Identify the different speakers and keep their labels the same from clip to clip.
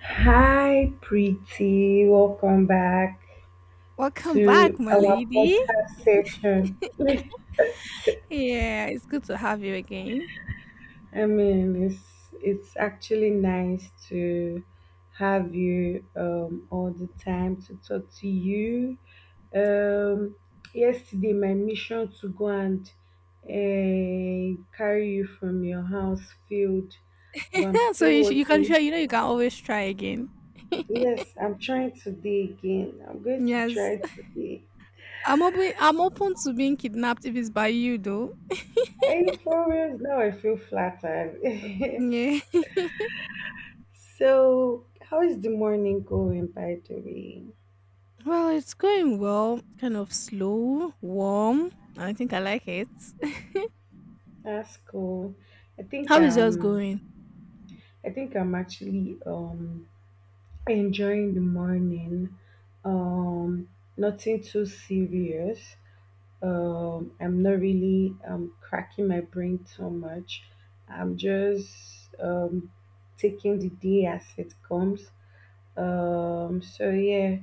Speaker 1: Hi, pretty. Welcome back
Speaker 2: Welcome back,
Speaker 1: to
Speaker 2: my
Speaker 1: our
Speaker 2: lady.
Speaker 1: podcast session.
Speaker 2: Yeah, it's good to have you again.
Speaker 1: I mean, it's it's actually nice to have you all the time to talk to you. Um, Yesterday, my mission to go and carry you from your house failed, but I'm still
Speaker 2: You can
Speaker 1: working.
Speaker 2: sure, you know, you can always try again.
Speaker 1: Yes, I'm trying today again. I'm going to
Speaker 2: Yes,
Speaker 1: try today.
Speaker 2: I'm open. I'm open to being kidnapped if it's by you, though.
Speaker 1: Are you serious? Now I feel flattered.
Speaker 2: Yeah.
Speaker 1: So, how is the morning going, by the way?
Speaker 2: Well, it's going well. Kind of slow, warm. I think I like it.
Speaker 1: That's cool. I think
Speaker 2: How is yours going?
Speaker 1: um, I think I'm actually enjoying the morning. Um, Nothing too serious. I'm not really cracking my brain too much. I'm just taking the day as it comes. So yeah,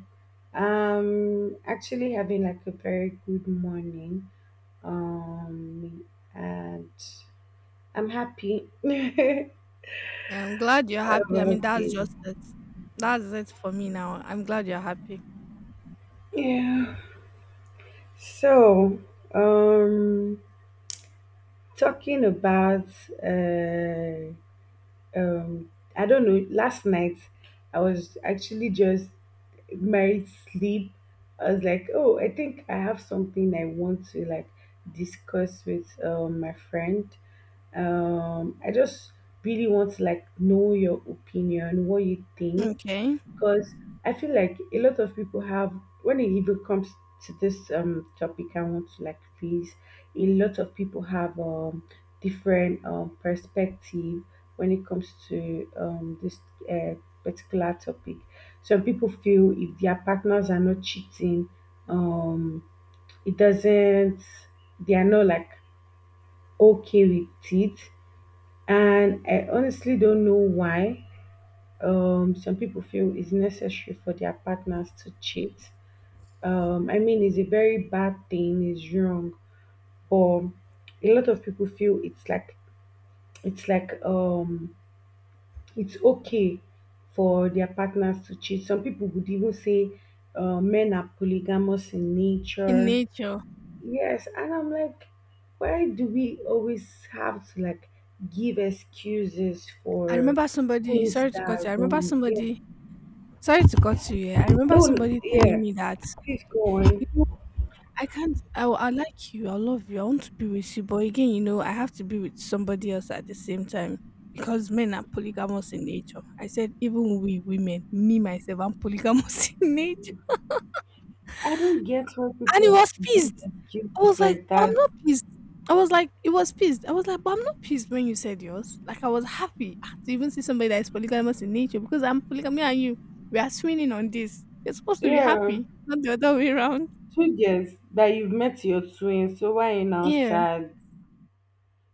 Speaker 1: I'm actually having like a very good morning. Um, and I'm happy. I'm
Speaker 2: Yeah, I'm glad you're happy. I mean, that's
Speaker 1: happy.
Speaker 2: just it. That's it for me now. I'm glad you're happy.
Speaker 1: Yeah. So, um, talking about, uh, I don't know. Last night, I was actually just married sleep. I was like, oh, I think I have something I want to like discuss with my friend. I just really want to like know your opinion, what you think,
Speaker 2: Okay.
Speaker 1: because I feel like a lot of people have when it even comes to this topic I want to like raise, a lot of people have different perspective when it comes to this uh, particular topic. Some people feel if their partners are not cheating, um it doesn't they are not like okay with it, and I honestly don't know why some people feel it's necessary for their partners to cheat. I mean, it's a very bad thing. It's wrong, but a lot of people feel it's like it's okay for their partners to cheat. Some people would even say men are polygamous in
Speaker 2: In
Speaker 1: nature.
Speaker 2: nature.
Speaker 1: Yes, and I'm like, why do we always have to like give excuses
Speaker 2: I
Speaker 1: for
Speaker 2: remember somebody.
Speaker 1: things
Speaker 2: Sorry to
Speaker 1: that
Speaker 2: cut
Speaker 1: are
Speaker 2: you. I remember
Speaker 1: wrong? Yeah.
Speaker 2: somebody Sorry to cut you here. I remember
Speaker 1: No,
Speaker 2: somebody telling
Speaker 1: yeah,
Speaker 2: me that,
Speaker 1: please go
Speaker 2: you
Speaker 1: on.
Speaker 2: know, I can't, I, will- I like you, I love you, I want to be with you. But again, you know, I have to be with somebody else at the same time because men are polygamous in nature. I said, even we women, me myself, I'm polygamous in nature.
Speaker 1: I don't get why
Speaker 2: And he
Speaker 1: people
Speaker 2: was
Speaker 1: give
Speaker 2: pissed. I was
Speaker 1: excuses
Speaker 2: like,
Speaker 1: like
Speaker 2: I'm
Speaker 1: that.
Speaker 2: not pissed. I was like, it was pissed. I was like, but I'm not pissed when you said yours. Like, I was happy, ah, to even see somebody that is polygamous in nature because I'm polygamy and you, we are swinging on this. You're supposed to be
Speaker 1: Yeah,
Speaker 2: happy, not the other way around.
Speaker 1: two girls that you've met your twins, so why you now
Speaker 2: Yeah.
Speaker 1: sad?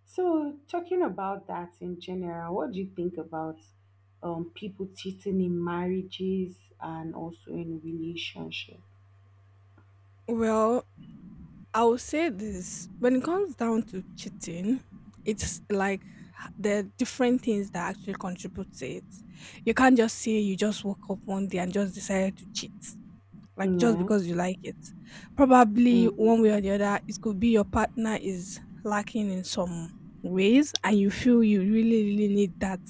Speaker 1: So talking about that in general, what do you think about people cheating in marriages and also in relationship?
Speaker 2: Well, I will say this: when it comes down to cheating, it's like there are different things that actually contribute to it. You can't just say you just woke up one day and just decided to cheat, like just
Speaker 1: Yeah.
Speaker 2: because you like it. Probably
Speaker 1: Mm.
Speaker 2: one way or the other, it could be your partner is lacking in some ways and you feel you really, really need that.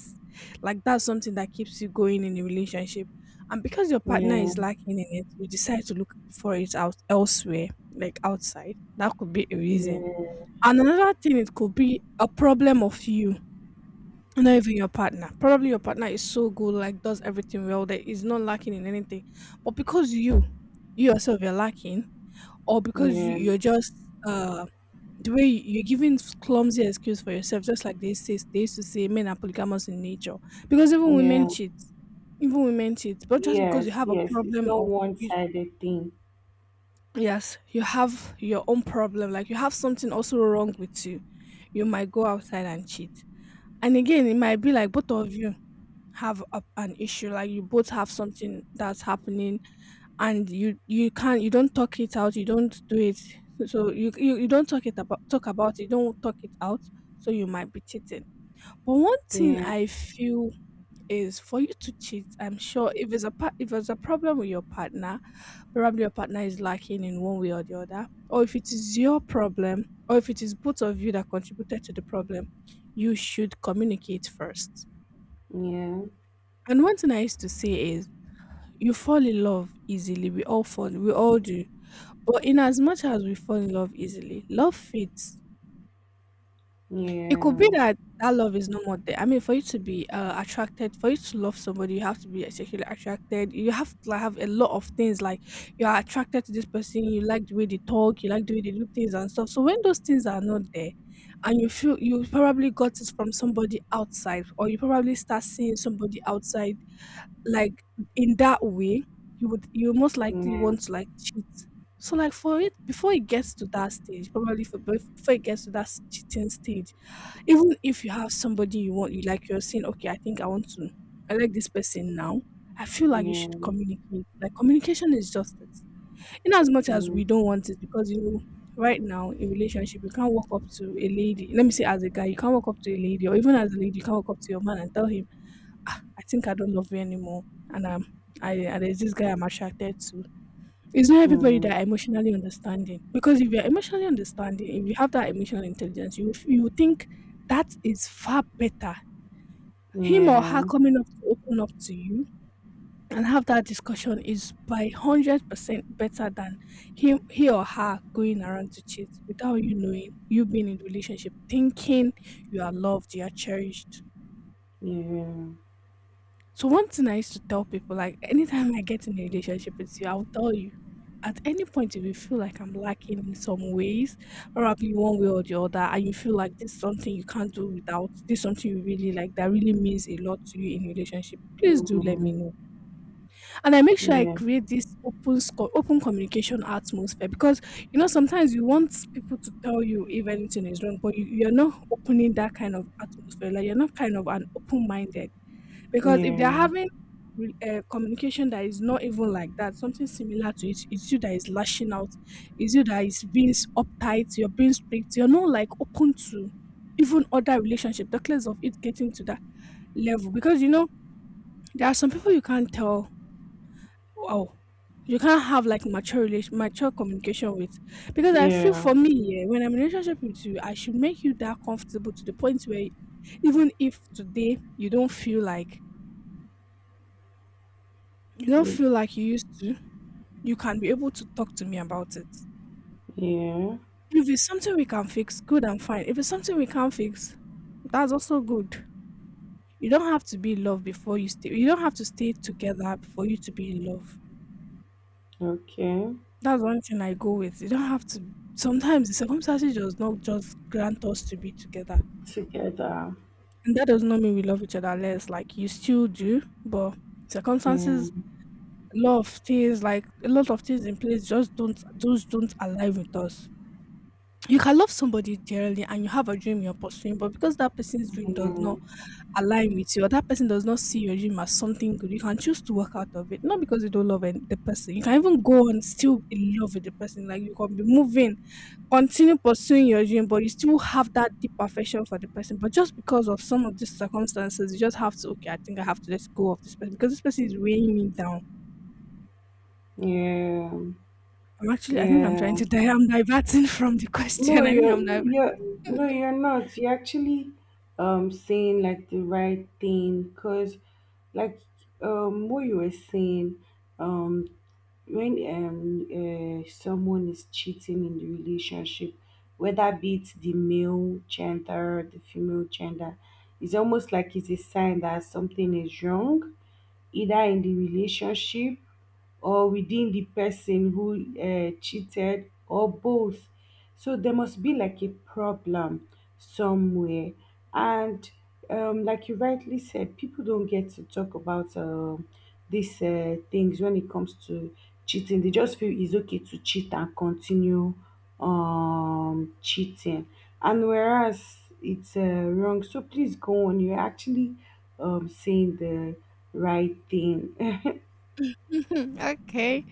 Speaker 2: Like that's something that keeps you going in the relationship. And because your partner
Speaker 1: Yeah,
Speaker 2: is lacking in it, you decide to look for it out elsewhere, like outside. That could be a reason.
Speaker 1: yeah,
Speaker 2: And another thing, it could be a problem of you, not even your partner. Probably your partner is so good, like does everything well, that is not lacking in anything. But because you yourself, you're lacking, or because you,
Speaker 1: yeah,
Speaker 2: you're just uh the way you're giving clumsy excuse for yourself, just like they say, they used to say men are polygamous in nature. Because even women
Speaker 1: yeah.
Speaker 2: cheat, even women cheat. But just because you
Speaker 1: Yes,
Speaker 2: have a
Speaker 1: yes. It's
Speaker 2: problem
Speaker 1: not
Speaker 2: of you,
Speaker 1: one-sided thing.
Speaker 2: yes, you have your own problem, like you have something also wrong with you, you might go outside and cheat. And again, it might be like both of you have a, an issue, like you both have something that's happening and you can't, you don't talk it out, you don't do it, so you don't talk it about, talk about it, you don't talk it out, so you might be cheating. But one thing
Speaker 1: Yeah,
Speaker 2: I feel is, for you to cheat, I'm sure if it's a part, if there's a problem with your partner, probably your partner is lacking in one way or the other, or if it is your problem, or if it is both of you that contributed to the problem, you should communicate first.
Speaker 1: yeah,
Speaker 2: And one thing I used to say is, you fall in love easily. We all fall. We all do. But in as much as we fall in love easily, love fades. It could
Speaker 1: yeah,
Speaker 2: be that that love is no more there. I mean, for you to be attracted, for you to love somebody, you have to be sexually attracted. You have to, like, have a lot of things. Like you are attracted to this person. You like the way they talk. You like the way they do things and stuff. So when those things are not there, and you feel you probably got it from somebody outside, or you probably start seeing somebody outside, like in that way, you most likely
Speaker 1: yeah,
Speaker 2: want to like cheat. So like for it, before it gets to that stage, probably for before it gets to that cheating stage, even if you have somebody you want, you like, you're saying, okay, I think I want to, I like this person now. I feel
Speaker 1: yeah,
Speaker 2: like you should
Speaker 1: yeah,
Speaker 2: communicate. Like communication is just it. In as much as we don't
Speaker 1: mm,
Speaker 2: want it, because you know, right now in relationship, you can't walk up to a lady. Let me say, as a guy, you can't walk up to a lady, or even as a lady, you can't walk up to your man and tell him, "Ah, I think I don't love you anymore. And I, and there's this guy I'm attracted to." It's not everybody that are emotionally understanding. Because if you're emotionally understanding, if you have that emotional intelligence, you think that is far better.
Speaker 1: yeah,
Speaker 2: Him or her
Speaker 1: yeah,
Speaker 2: coming up to open up to you and have that discussion is by 100% better than him, he or her going around to cheat without you knowing, you being in the relationship, thinking you are loved, you are cherished.
Speaker 1: mm,
Speaker 2: So one thing I used to tell people, like anytime I get in a relationship with you, I'll tell you. At any point, if you feel like I'm lacking in some ways, probably one way or the other, and you feel like this is something you can't do without, this is something you really like, that really means a lot to you in relationship, please do let me know, and I make sure I
Speaker 1: yeah,
Speaker 2: create this open open communication atmosphere. Because you know, sometimes you want people to tell you if anything is wrong, but you, you're not opening that kind of atmosphere. Like you're not kind of an open minded because if they're
Speaker 1: yeah,
Speaker 2: having communication that is not even like that, something similar to it, it's you that is lashing out, it's you that is being uptight, you're being strict, you're not like open to even other relationship, the class of it getting to that level. Because you know, there are some people you can't tell. Wow. You can't have like mature relation, mature communication with, because I feel
Speaker 1: yeah,
Speaker 2: for me, yeah, when I'm in a relationship with you, I should make you that comfortable to the point where, even if today you don't feel like, you don't
Speaker 1: y-
Speaker 2: feel like you used to, you can be able to talk to me about it.
Speaker 1: yeah.
Speaker 2: If it's something we can fix, good and fine. If it's something we can't fix, that's also good. You don't have to be in love before you stay. You don't have to stay together for you to be in love.
Speaker 1: Okay,
Speaker 2: That's one thing I go with. You don't have to. Sometimes the circumstances does not just grant us to be together,
Speaker 1: together.
Speaker 2: and that does not mean we love each other less. Like you still do, but
Speaker 1: Yeah,
Speaker 2: circumstances, a lot of things, like a lot of things in place, just don't, those don't align with us. You can love somebody dearly and you have a dream you're pursuing, but because that person's dream does
Speaker 1: yeah,
Speaker 2: not align with you, or that person does not see your dream as something good, you can choose to work out of it. Not because you don't love the person. You can even go and still in love with the person. Like you can be moving, continue pursuing your dream, but you still have that deep affection for the person. But just because of some of these circumstances, you just have to, okay, I think I have to let go of this person because this person is weighing me down.
Speaker 1: yeah,
Speaker 2: I'm actually, I think I'm trying
Speaker 1: yeah.
Speaker 2: to die. I'm diverting from the
Speaker 1: No,
Speaker 2: question. I think
Speaker 1: you're
Speaker 2: I'm
Speaker 1: you're no, you're not. You're actually saying like the right thing because like what you were saying um when someone is cheating in the relationship, whether be it the male gender, the female gender, it's almost like it's a sign that something is wrong, either in the relationship or within the person who cheated or both. So there must be like a problem somewhere. And like you rightly said, people don't get to talk about these things when it comes to cheating. They just feel it's okay to cheat and continue cheating. And whereas it's wrong, so please go on. You're actually saying the right thing.
Speaker 2: okay.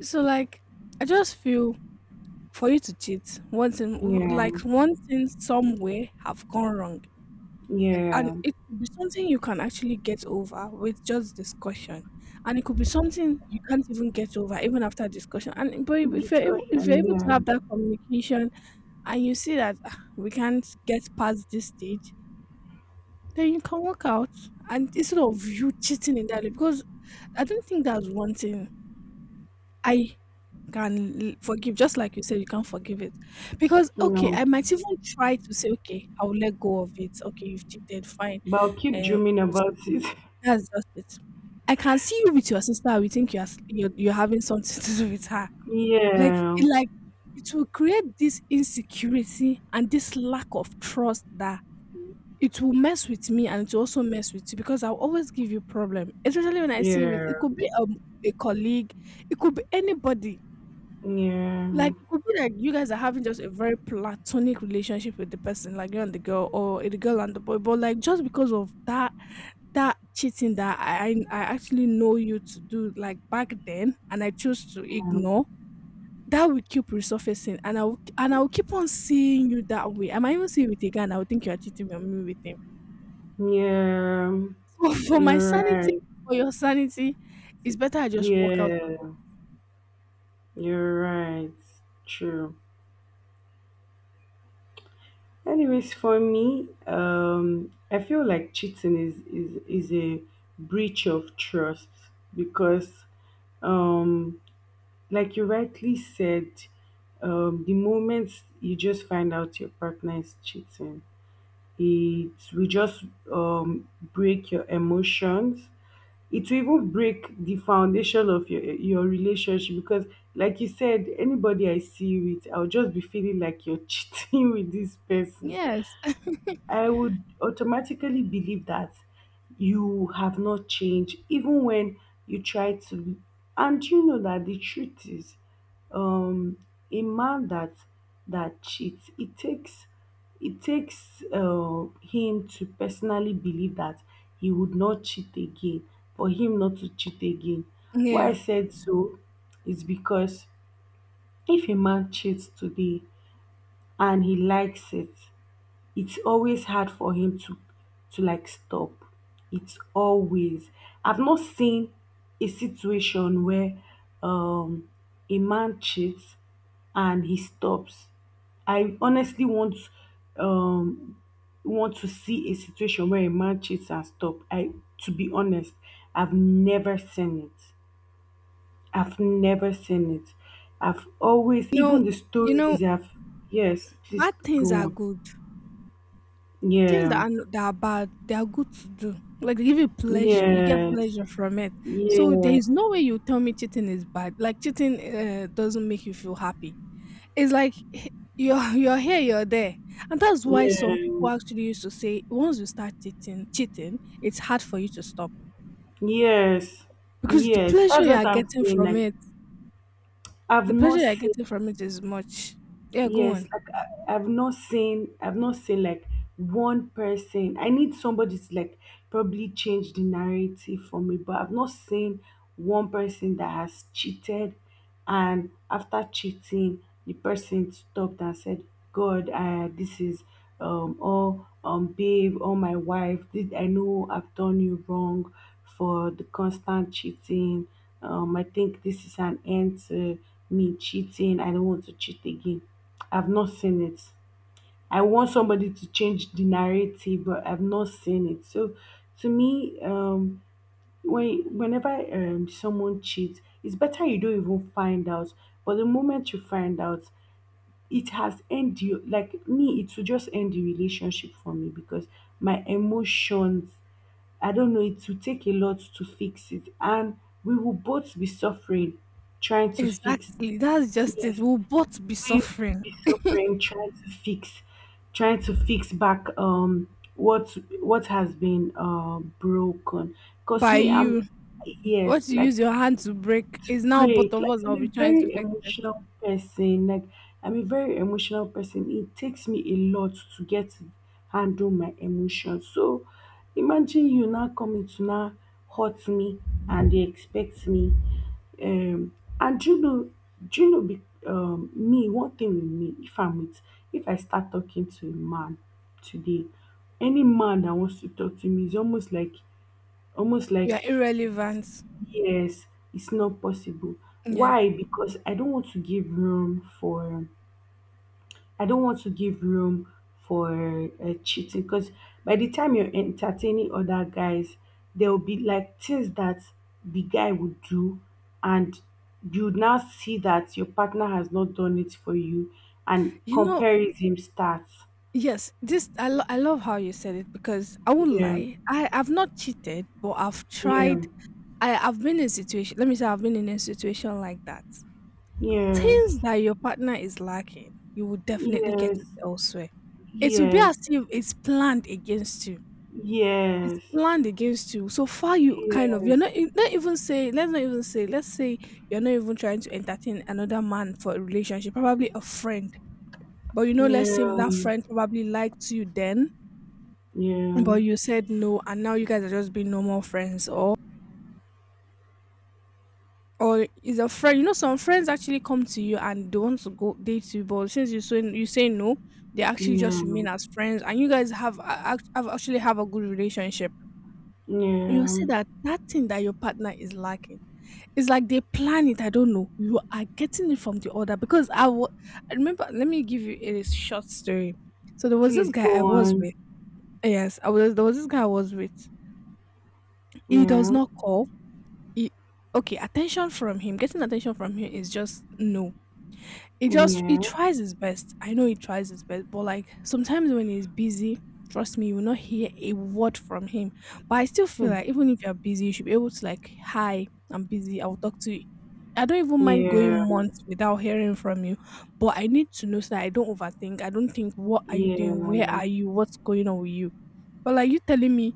Speaker 2: So like I just feel for you to cheat, one thing,
Speaker 1: Yeah.
Speaker 2: like one thing somewhere have gone wrong. And
Speaker 1: Yeah,
Speaker 2: it could be something you can actually get over with just discussion. And it could be something you can't even get over even after discussion. And but if you're able, if you're
Speaker 1: discussion.
Speaker 2: able to
Speaker 1: Yeah,
Speaker 2: have that communication and you see that, "Ah, we can't get past this stage," then you can work out, and instead of you cheating in that way, because I don't think that's one thing I can forgive, just like you said, you can't forgive it. Because, okay,
Speaker 1: no,
Speaker 2: I might even try to say, okay, I'll let go of it. Okay, you've cheated, fine.
Speaker 1: but I'll keep
Speaker 2: Uh,
Speaker 1: dreaming about it.
Speaker 2: that's just it. I can see you with your sister. We think you're having something to do with her. Like,
Speaker 1: Yeah,
Speaker 2: like it will create this insecurity and this lack of trust, that it will mess with me and it will also mess with you because I'll always give you problem. Especially when I see it,
Speaker 1: yeah,
Speaker 2: could be a colleague, it could be anybody,
Speaker 1: yeah,
Speaker 2: like it could be like you guys are having just a very platonic relationship with the person, like you and the girl, or the girl and the boy. But like just because of that cheating that I actually know you to do like back then, and I chose to ignore, that will keep resurfacing, and I will keep on seeing you that way. I might even see you with a guy, and I will think you are cheating on me with him.
Speaker 1: yeah.
Speaker 2: So for my
Speaker 1: You're
Speaker 2: sanity,
Speaker 1: right.
Speaker 2: for your sanity, it's better I just walk out.
Speaker 1: Yeah, you're right. True. Anyways, for me, I feel like cheating is a breach of trust because, um, like you rightly said, the moment you just find out your partner is cheating, it will just um, break your emotions. It will even break the foundation of your relationship because, like you said, anybody I see you with, I'll just be feeling like you're cheating with this person.
Speaker 2: Yes,
Speaker 1: I would automatically believe that you have not changed, even when you try to. And you know that the truth is, um, a man that that cheats, it takes it takes him to personally believe that he would not cheat again, for him not to cheat again. Why I
Speaker 2: yeah.
Speaker 1: said so is because if a man cheats today and he likes it, it's always hard for him to like stop. It's always. I've not seen a situation where um a man cheats and he stops. I honestly um want to see a situation where a man cheats and stop. I, to be honest, I've never seen it. I've never seen it. I've always
Speaker 2: You know,
Speaker 1: even the
Speaker 2: you know,
Speaker 1: stories I've, yes, please
Speaker 2: bad
Speaker 1: go
Speaker 2: things are
Speaker 1: on.
Speaker 2: good. Things
Speaker 1: Yeah.
Speaker 2: that are no that are bad, they are good to do. Like they give you pleasure, you get
Speaker 1: Yes,
Speaker 2: pleasure from it. So there
Speaker 1: yeah,
Speaker 2: is no way you tell me cheating is bad. Like cheating doesn't make you feel happy. It's like you're here, you're there, and that's why
Speaker 1: yeah,
Speaker 2: some people actually used to say once you start cheating, it's hard for you to stop
Speaker 1: yes,
Speaker 2: because the
Speaker 1: yes.
Speaker 2: pleasure
Speaker 1: That's
Speaker 2: you are
Speaker 1: what I'm
Speaker 2: getting
Speaker 1: saying.
Speaker 2: from
Speaker 1: Like,
Speaker 2: it,
Speaker 1: I've
Speaker 2: the pleasure
Speaker 1: not
Speaker 2: you are getting
Speaker 1: seen.
Speaker 2: from it is much. Yeah, go
Speaker 1: Yes,
Speaker 2: on.
Speaker 1: I've not seen like one person. I need somebody to like probably change the narrative for me, but I've not seen one person that has cheated, and after cheating, the person stopped and said, "God, this is all babe or my wife. Did I know I've done you wrong for the constant cheating? I think this is an end to me cheating. I don't want to cheat again." I've not seen it. I want somebody to change the narrative, but I've not seen it. So to me, when whenever someone cheats, it's better you don't even find out. But the moment you find out, it has end you like me. It will just end the relationship for me because my emotions. I don't know. It will take a lot to fix it, and we will both be suffering trying to fix.
Speaker 2: Exactly. That's just it.
Speaker 1: Yes,
Speaker 2: We'll both be
Speaker 1: we
Speaker 2: suffering
Speaker 1: be so praying trying to fix back what has been broken because
Speaker 2: by
Speaker 1: me I'm
Speaker 2: you.
Speaker 1: yes
Speaker 2: What you
Speaker 1: like
Speaker 2: use your hand to break is now both
Speaker 1: great.
Speaker 2: of
Speaker 1: Like
Speaker 2: us that
Speaker 1: I'm
Speaker 2: will
Speaker 1: a
Speaker 2: be trying to
Speaker 1: very
Speaker 2: fix it.
Speaker 1: emotional person. Like I'm a very emotional person. It takes me a lot to get to handle my emotions. So imagine you now coming to now hurt me and they expect me. Um and do you know do you know me one thing with me if I'm with if I start talking to a man today, any man that wants to talk to me is almost like almost
Speaker 2: You are
Speaker 1: like
Speaker 2: irrelevant.
Speaker 1: yes, it's not possible.
Speaker 2: Yeah.
Speaker 1: Why? Because I don't want to give room for I don't want to give room for cheating. Because by the time you're entertaining other guys, there will be like things that the guy would do, and you now see that your partner has not done it for you, and
Speaker 2: You know,
Speaker 1: comparison starts.
Speaker 2: yes, this I love how you said it because I won't
Speaker 1: Yeah,
Speaker 2: lie. I've not cheated, but I've
Speaker 1: yeah,
Speaker 2: tried. I've been in situation. Let me say I've been in a situation like that.
Speaker 1: yes,
Speaker 2: Things that your partner is lacking, you will definitely get
Speaker 1: yes,
Speaker 2: it elsewhere. It will be
Speaker 1: yes,
Speaker 2: as if it's planned against you. It's
Speaker 1: yes.
Speaker 2: planned against you. So far, you kind of you're
Speaker 1: Yes,
Speaker 2: not even say let's say you're not even trying to entertain another man for a relationship, probably a friend. But you know, let's say
Speaker 1: yeah,
Speaker 2: that friend probably liked you then,
Speaker 1: yeah,
Speaker 2: but you said no, and now you guys are just being normal friends, or is a friend. You know, some friends actually come to you and they want to go date you, but since you say no, they actually just
Speaker 1: yeah,
Speaker 2: remain as friends, and you guys have, a- act- have actually have a good relationship. You
Speaker 1: yeah.
Speaker 2: see that thing that your partner is lacking, it's like they plan it. I don't know. You are getting it from the other because I remember. Let me give you a short story. So there was this
Speaker 1: Please
Speaker 2: guy
Speaker 1: go
Speaker 2: I was
Speaker 1: on.
Speaker 2: with. Yes, I was. There was this guy I was with. He does
Speaker 1: Yeah,
Speaker 2: not call. He, okay, attention from him. Getting attention from him is just no. He
Speaker 1: yeah,
Speaker 2: tries his best. I know he tries his best, but like sometimes when he's busy, trust me, you will not hear a word from him. But I still feel like
Speaker 1: hmm,
Speaker 2: even if you're busy, you should be able to like, hi, I'm busy, I'll talk to you. I don't even mind
Speaker 1: yeah,
Speaker 2: going months without hearing from you, but I need to know so that I don't overthink. I don't think, what are you doing? Where
Speaker 1: yeah,
Speaker 2: are you? What's going on with you? But like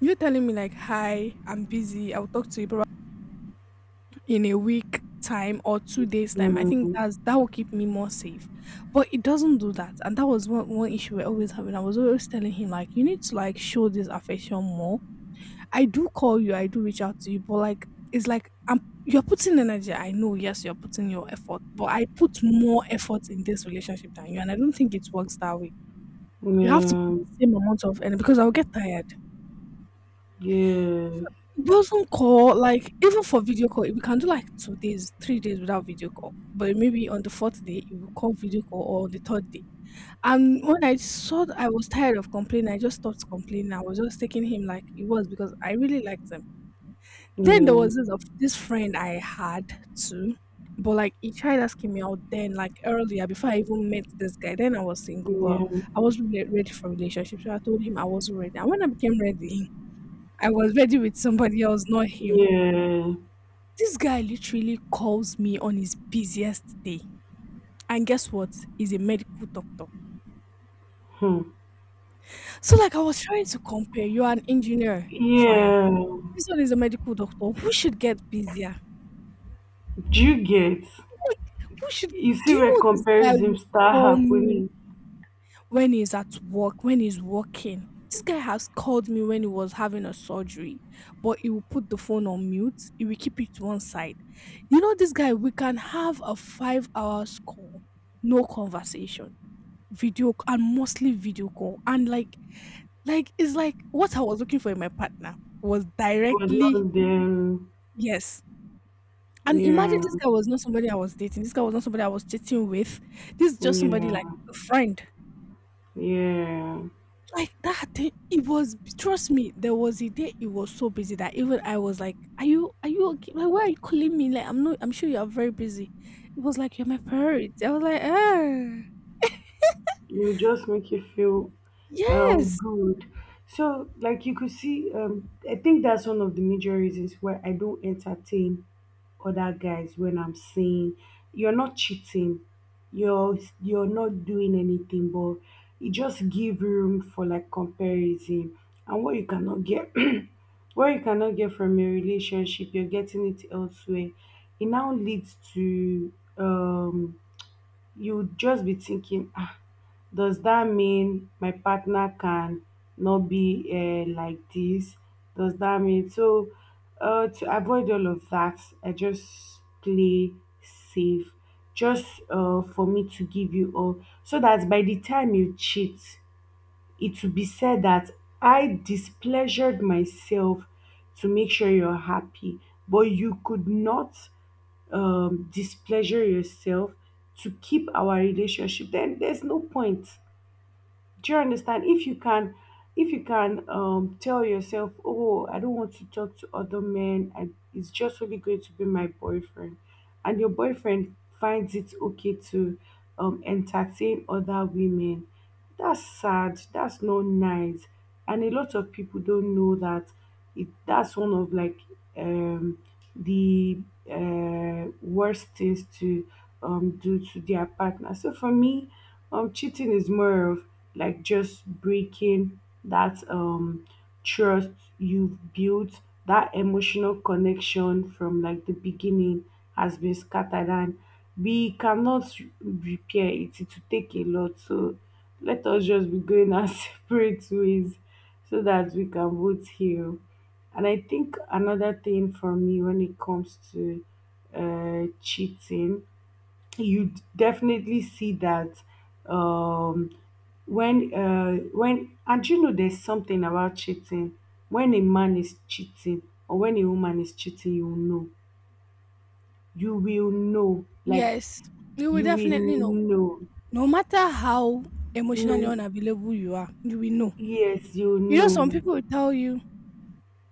Speaker 2: you telling me like, hi, I'm busy, I'll talk to you in a week time or two days time. I think
Speaker 1: mm,
Speaker 2: that will keep me more safe. But it doesn't do that. And that was one issue we're always having. I was always telling him like you need to like show this affection more. I do call you, I do reach out to you, but like it's like I'm you're putting energy. I know, yes, you're putting your effort, but I put more effort in this relationship than you, and I don't think it works that way. You have to put
Speaker 1: yeah,
Speaker 2: the same amount of energy because I'll get tired.
Speaker 1: yeah,
Speaker 2: So
Speaker 1: yeah,
Speaker 2: it doesn't call, like even for video call, we can do like 2 days, 3 days without video call. But maybe on the fourth day, you will call video call, or on the third day. And when I saw that I was tired of complaining, I just stopped complaining. I was just taking him like it was because I really liked him. Then there was this friend I had too. But like he tried asking me out then, like earlier before I even met this guy. Then I was single, but I was really ready for relationship. So I told him I wasn't ready. And when I became ready, I was ready with somebody else, not him.
Speaker 1: yeah, yeah.
Speaker 2: This guy literally calls me on his busiest day. And guess what? He's a medical doctor.
Speaker 1: Hmm,
Speaker 2: So, like, I was trying to compare. You're an engineer. Fine.
Speaker 1: yeah.
Speaker 2: This one is a medical doctor. Who should get busier?
Speaker 1: Do you get?
Speaker 2: Like, who should.
Speaker 1: You see
Speaker 2: Do you
Speaker 1: where
Speaker 2: know this guy
Speaker 1: comparison
Speaker 2: will
Speaker 1: start
Speaker 2: call me
Speaker 1: happening,
Speaker 2: when he's at work, when he's working? This guy has called me when he was having a surgery, but he will put the phone on mute. He will keep it to one side. You know, this guy, we can have a 5 hours call, no conversation. Video c- and Mostly video call. And like it's like what I was looking for in my partner was
Speaker 1: but
Speaker 2: directly
Speaker 1: not then.
Speaker 2: yes. And imagine
Speaker 1: Yeah,
Speaker 2: this guy was not somebody I was dating. This guy was not somebody I was chatting with. This is just somebody
Speaker 1: yeah,
Speaker 2: like a friend.
Speaker 1: yeah.
Speaker 2: Like that thing, it was, trust me, there was a day it was so busy that even I was like, are you okay? Like why are you calling me? Like I'm not, I'm sure you are very busy. It was like you're my priority. I was like, ah,
Speaker 1: It will just make you feel
Speaker 2: yes.
Speaker 1: good. So, like you could see, I think that's one of the major reasons why I don't entertain other guys when I'm saying you're not cheating, you're you're not doing anything, but it just give room for like comparison and what you cannot get, what you cannot get from a relationship, you're getting it elsewhere. It now leads to you just be thinking, ah, does that mean my partner can not be like this? Does that mean so? To avoid all of that, I just play safe, just for me to give you all, so that by the time you cheat, it will be said that I displeasured myself to make sure you're happy, but you could not displeasure yourself to keep our relationship. Then there's no point, do you understand? If you can tell yourself, "Oh, I don't want to talk to other men. And it's just only going to be my boyfriend," and your boyfriend finds it okay to entertain other women, that's sad. That's not nice, and a lot of people don't know that it, that's one of like um, the worst things to do to their partner. So for me, cheating is more of like just breaking that trust you've built, that emotional connection from like the beginning has been scattered, and we cannot repair it. It will take a lot. So let us just be going our separate ways so that we can both heal. And I think another thing for me when it comes to cheating, you definitely see that um, when when and you know there's something about cheating. When a man is cheating or when a woman is cheating, you will know. You will know. Like
Speaker 2: Yes. You will
Speaker 1: you
Speaker 2: definitely
Speaker 1: will
Speaker 2: know.
Speaker 1: know.
Speaker 2: No matter how emotionally
Speaker 1: No.
Speaker 2: unavailable you are, you will know.
Speaker 1: Yes, you will
Speaker 2: You know, some
Speaker 1: know.
Speaker 2: people will tell you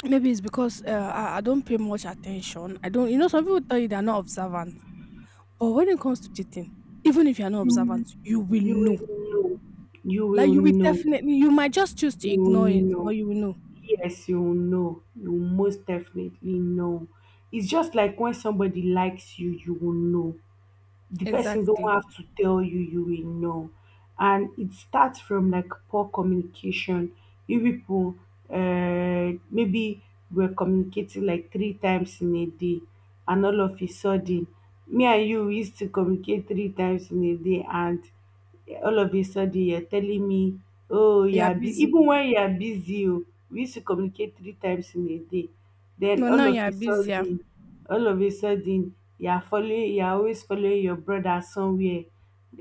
Speaker 2: maybe it's because I don't pay much attention. I don't, you know, some people tell you they're not observant. But when it comes to cheating, even if you're not
Speaker 1: You
Speaker 2: observant, you
Speaker 1: will,
Speaker 2: will
Speaker 1: you
Speaker 2: know.
Speaker 1: will know. You
Speaker 2: Like
Speaker 1: will
Speaker 2: you will
Speaker 1: know.
Speaker 2: definitely, you might just choose to
Speaker 1: You will
Speaker 2: ignore it, but
Speaker 1: know.
Speaker 2: you will know.
Speaker 1: Yes, you know. You most definitely know. It's just like when somebody likes you, you will know. The person don't
Speaker 2: Exactly.
Speaker 1: have to tell you, you will know. And it starts from like poor communication. You people maybe we're communicating like three times in a day, and all of a sudden, me and you used to communicate three times in a day, and all of a sudden you're telling me, oh, you
Speaker 2: You are
Speaker 1: are bu-"
Speaker 2: busy.
Speaker 1: even when you are busy, oh, we used to communicate three times in a day. Then
Speaker 2: No, now
Speaker 1: all
Speaker 2: you
Speaker 1: of
Speaker 2: are
Speaker 1: a
Speaker 2: busier.
Speaker 1: sudden, all of a sudden, you are following, you are always following your brother somewhere.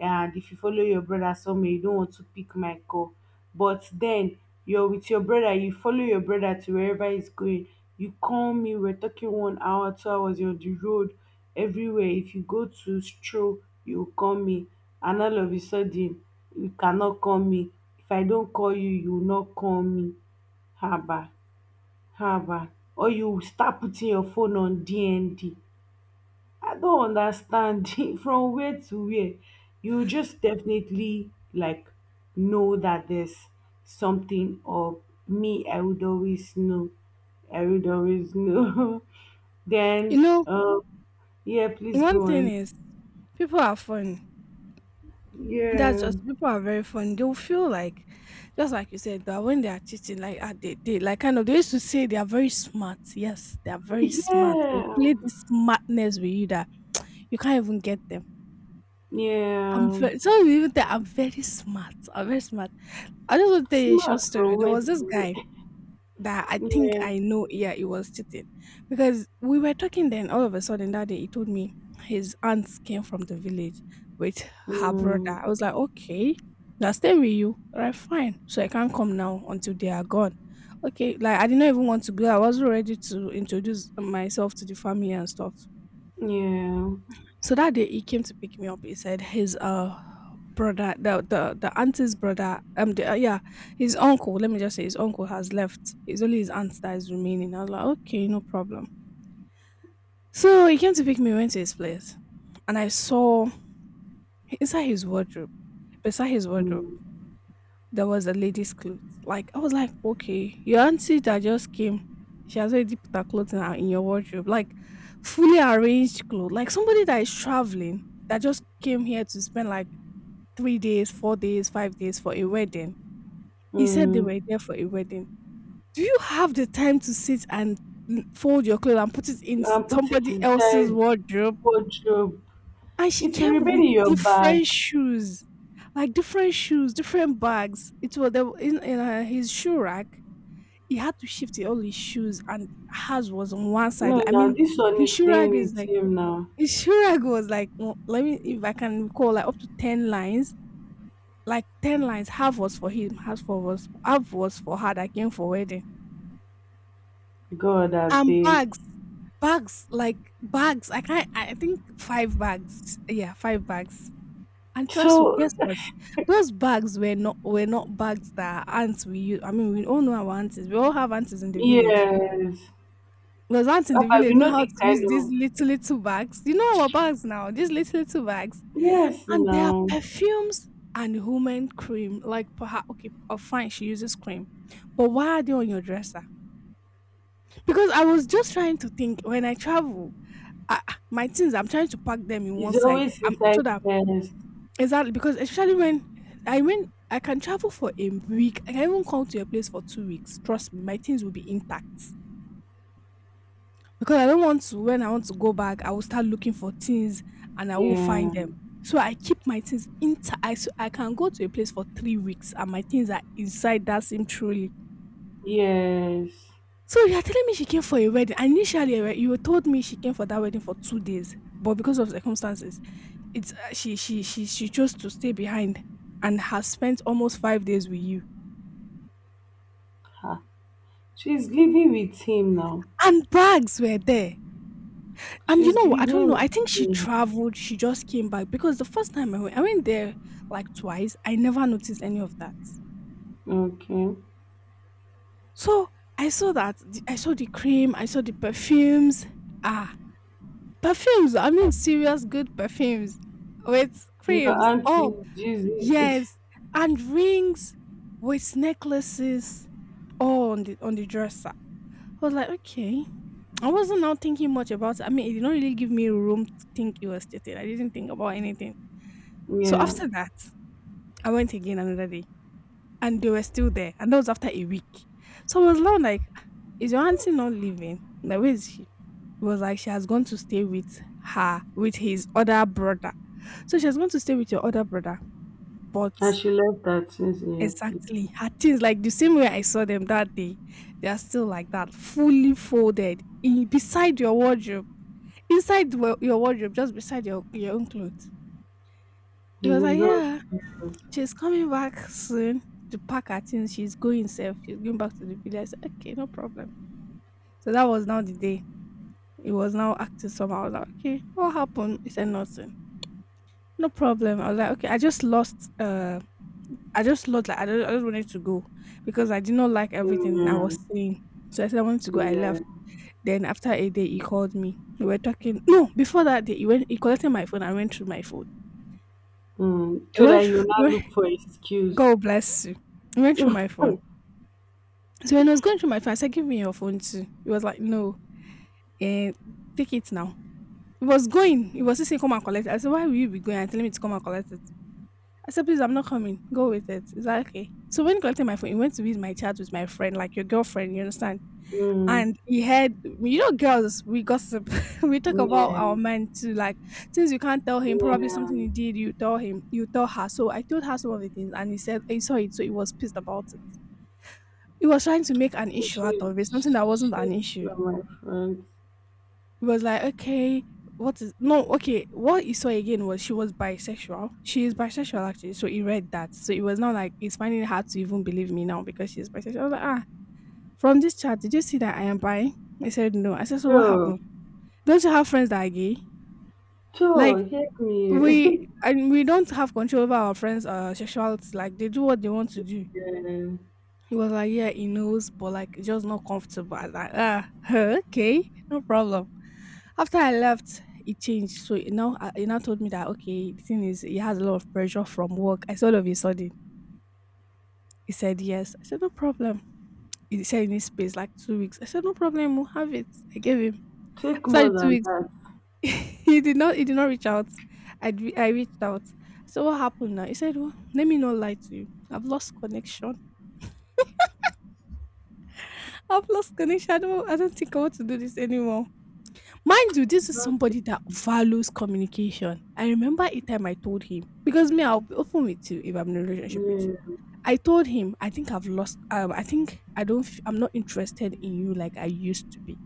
Speaker 1: And if you follow your brother somewhere, you don't want to pick my call. But then you're with your brother, you follow your brother to wherever he's going. You call me, we're talking 1 hour, 2 hours, you're on the road everywhere. If you go to stroll, you call me and all of a sudden you cannot call me, if I don't call you, you will not call me. Haba, haba. Or you will start putting your phone on DND. I don't understand. From where to where, you just definitely like know that there's something or me, I would always know, I would always know.
Speaker 2: You
Speaker 1: then
Speaker 2: know,
Speaker 1: um yeah, please
Speaker 2: one
Speaker 1: go
Speaker 2: thing
Speaker 1: on.
Speaker 2: is people are funny. That's
Speaker 1: Yeah.
Speaker 2: just people are very funny. They'll feel like, just like you said, that when they are cheating, like ah, they like kind of they used to say they are very smart. Yes, they are very smart. They'll
Speaker 1: Yeah,
Speaker 2: play this smartness with you that you can't even get them. I'm
Speaker 1: yeah.
Speaker 2: very some people even think I'm very smart. I'm very smart. I just want to tell you a short
Speaker 1: Smart
Speaker 2: story.
Speaker 1: from
Speaker 2: There
Speaker 1: where
Speaker 2: was this
Speaker 1: to.
Speaker 2: guy that I think
Speaker 1: Yeah.
Speaker 2: I know, yeah, it was cheating. Because we were talking then, all of a sudden that day, he told me his aunts came from the village with her brother.
Speaker 1: Mm,
Speaker 2: I was like, okay, they're staying with you. All right, fine. So I can't come now until they are gone. Okay, like I did not even want to go. I was already to introduce myself to the family and stuff.
Speaker 1: yeah.
Speaker 2: So that day he came to pick me up. He said his brother, the auntie's brother, yeah, his uncle. Let me just say his uncle has left. It's only his aunt that is remaining. I was like, okay, no problem. So he came to pick me. Went to his place, and I saw inside his wardrobe, beside his wardrobe.
Speaker 1: Mm,
Speaker 2: There was a lady's clothes. Like I was like, okay, your auntie that just came, she has already put her clothes in your wardrobe, like fully arranged clothes. Like somebody that is traveling that just came here to spend like 3 days, 4 days, 5 days for a wedding. He said they were
Speaker 1: mm.
Speaker 2: there for a wedding. Do you have the time to sit and fold your clothes and put it in
Speaker 1: And put it
Speaker 2: somebody else's
Speaker 1: inside
Speaker 2: wardrobe?
Speaker 1: wardrobe.
Speaker 2: And she
Speaker 1: It will
Speaker 2: came with
Speaker 1: remain in your bag.
Speaker 2: different shoes, like different shoes, different bags. It was there in, his shoe rack. He had to shift all his shoes and hers was on one side.
Speaker 1: No,
Speaker 2: I
Speaker 1: now
Speaker 2: mean,
Speaker 1: this one
Speaker 2: his
Speaker 1: is
Speaker 2: shoe
Speaker 1: staying
Speaker 2: rag is
Speaker 1: with
Speaker 2: like
Speaker 1: him now.
Speaker 2: his shoe rag was like w let me if I can recall, like, up to 10 lines, like 10 lines, half was for him, half was for her that came for wedding.
Speaker 1: God, I
Speaker 2: And
Speaker 1: beg.
Speaker 2: bags, bags, like bags. I can't I think 5 bags. Yeah, 5 bags. And trust w
Speaker 1: So,
Speaker 2: guess what? Those bags were not bags that our aunts we use. I mean, we all know our aunties. We all have aunties in the village.
Speaker 1: yes.
Speaker 2: There's aunt in the
Speaker 1: Papa,
Speaker 2: village
Speaker 1: we
Speaker 2: know
Speaker 1: know
Speaker 2: how
Speaker 1: the
Speaker 2: to
Speaker 1: kind
Speaker 2: use these
Speaker 1: of.
Speaker 2: little, little bags. You know our bags now, these little, little bags.
Speaker 1: Yes,
Speaker 2: And they are
Speaker 1: now.
Speaker 2: perfumes and women cream. Like perhaps okay, oh fine, she uses cream. But why are they on your dresser? Because I was just trying to think when I travel, my things I'm trying to pack them in one
Speaker 1: It's
Speaker 2: side.
Speaker 1: always inside
Speaker 2: So that
Speaker 1: first.
Speaker 2: exactly because especially when I went, I can travel for a week. I can even come to your place for 2 weeks. Trust me, my things will be intact. Because I don't want to when I want to go back, I will start looking for things and I won't find
Speaker 1: Yeah.
Speaker 2: them. So I keep my things intact. I can go to a place for 3 weeks and my things are inside that same trolley.
Speaker 1: Yes.
Speaker 2: So you're telling me she came for a wedding. And initially, right, you told me she came for that wedding for 2 days, but because of circumstances, it's she chose to stay behind and has spent almost 5 days with you.
Speaker 1: Ha. She's living with him now.
Speaker 2: And bags were there. And you
Speaker 1: She's
Speaker 2: know, I don't
Speaker 1: living
Speaker 2: know. I think
Speaker 1: with
Speaker 2: she
Speaker 1: him.
Speaker 2: traveled. She just came back because the first time I went there like twice. I never noticed any of that.
Speaker 1: Okay.
Speaker 2: So I saw that. I saw the cream. I saw the perfumes. Ah, perfumes. I mean, serious good perfumes with
Speaker 1: Your
Speaker 2: creams. Oh,
Speaker 1: auntie, Jesus.
Speaker 2: yes. And rings with necklaces all on on the dresser. I was like, okay. I wasn't now thinking much about it. I mean, it did not really give me room to think it was cheating. I didn't think about anything. So
Speaker 1: Yeah.
Speaker 2: after that, I went again another day and they were still there. And that was after a week. So I was now like, "Ah, is your auntie not leaving? Like, where is she? It was like she has gone to stay with her, with his other brother. So she has gone to stay with your other brother."
Speaker 1: And
Speaker 2: But
Speaker 1: she left that since, yeah,
Speaker 2: exactly her things, like the same way I saw them that day, they are still like that, fully folded in beside your wardrobe. Your wardrobe, just beside your own clothes. It was
Speaker 1: please.
Speaker 2: like,
Speaker 1: It's not
Speaker 2: yeah,
Speaker 1: serious.
Speaker 2: she's coming back soon to pack her things. She's going safe. She's going back to the village. I said, okay, no problem. So that was now the day. It was now acting somehow. I was like, okay, what happened? He said nothing. No problem. I was like, okay, I just lost. I just lost. Like, I just wanted to go because I did not like everything I was
Speaker 1: Mm,
Speaker 2: seeing. So I said I wanted to go.
Speaker 1: yeah.
Speaker 2: I
Speaker 1: Yeah.
Speaker 2: left. Then after a day, he called me. We were talking. No, before that day, he went. He collected my phone. I went through my phone.
Speaker 1: Mm.
Speaker 2: I
Speaker 1: So that
Speaker 2: went.
Speaker 1: you
Speaker 2: through-
Speaker 1: will
Speaker 2: he
Speaker 1: not
Speaker 2: went-
Speaker 1: look for excuse.
Speaker 2: God bless you. He went through my phone. So when I was going through my phone, I said, "Give me your phone too." He was like, "No, eh, take it now." He was going. He was just saying, "Come and collect it." I said, "Why will you be going and telling me to come and collect it?" I said, "Please, I'm not coming. Go with it. Is that okay?" So when he collected my phone, he went to read my chat with my friend, like your girlfriend. You understand?
Speaker 1: Mm,
Speaker 2: And he had, you know, girls. We gossip. We talk about our
Speaker 1: yeah,
Speaker 2: men too, like things you can't tell him. Probably
Speaker 1: yeah.
Speaker 2: something he did. You tell him. You tell her. So I told her some of the things, and he said he saw it, so he was pissed about it. He was trying to make an issue out
Speaker 1: She,
Speaker 2: of it, something that wasn't an
Speaker 1: she.
Speaker 2: issue.
Speaker 1: From my friends.
Speaker 2: Was like, okay, what is no, okay, what he saw again was she was bisexual. She is bisexual actually, so he read that. So it was not like he's finding it hard to even believe me now because she's bisexual. I was like, ah, from this chat, did you see that I am bi? He said no. I said, so what
Speaker 1: So,
Speaker 2: happened? Don't you have friends that are gay? Like
Speaker 1: so help
Speaker 2: we
Speaker 1: me.
Speaker 2: and we don't have control over our friends' sexuality. Like they do what they want to do.
Speaker 1: Yeah.
Speaker 2: He was like, yeah, he knows, but like, it's just not comfortable. I was like, ah, okay, no problem. After I left, it changed. So you know, he now told me that okay, the thing is, he has a lot of pressure from work. I said all of a sudden, he said yes. I said no problem. He said he needs space like 2 weeks. I said no problem, we'll have it. I gave him
Speaker 1: Take
Speaker 2: after
Speaker 1: more
Speaker 2: the two
Speaker 1: than
Speaker 2: weeks.
Speaker 1: that.
Speaker 2: He did not. He did not reach out. I reached out. So what happened now? He said, well, let me not lie to you. I've lost connection. I've lost connection. I don't think I want to do this anymore. Mind you, this is
Speaker 1: Not take-
Speaker 2: somebody that values communication. I remember a time I told him, because me, I'll be open with you if I'm in a relationship with you.
Speaker 1: Yeah,
Speaker 2: I told him, I think I've lost, I think I don't, f- I'm not interested in you like I used to be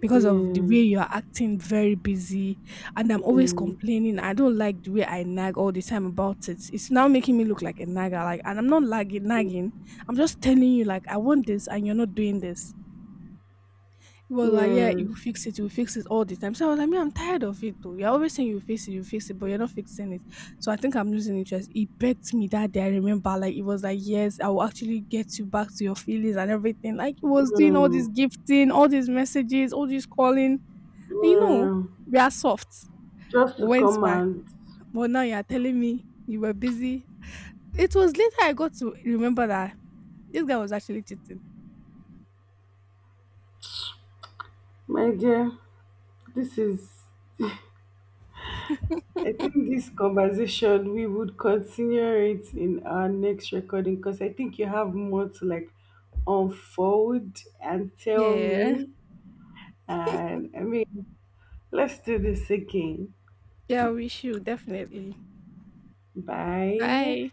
Speaker 2: because of the
Speaker 1: yeah,
Speaker 2: way you are acting very busy and I'm always complaining. I don't like the way I nag all the time about it. It's now making me look like a nagger. Like, and I'm not nagging. I'm just telling you, like, I want this and you're not doing this. Well, like, yeah,
Speaker 1: yeah, yes.
Speaker 2: you fix it all the time. So I was like, me, I'm tired of it though. You're always saying you fix it, but you're not fixing it. So I think I'm losing interest. He begged me that day. I remember, like, it was like, yes, I will actually get you back to your feelings and everything. Like, he was doing all
Speaker 1: Mm.
Speaker 2: this gifting, all these messages, all this calling. And you know,
Speaker 1: Yeah,
Speaker 2: we are soft.
Speaker 1: just to
Speaker 2: Went
Speaker 1: come
Speaker 2: back,
Speaker 1: and,
Speaker 2: but now you're telling me you were busy. It was later I got to remember that this guy was actually cheating.
Speaker 1: my dear, this is, I think this conversation, we would continue it in our next recording because I think you have more to like unfold and tell
Speaker 2: Yeah,
Speaker 1: me. And I mean, let's do this again.
Speaker 2: yeah, we should definitely.
Speaker 1: Bye.
Speaker 2: Bye.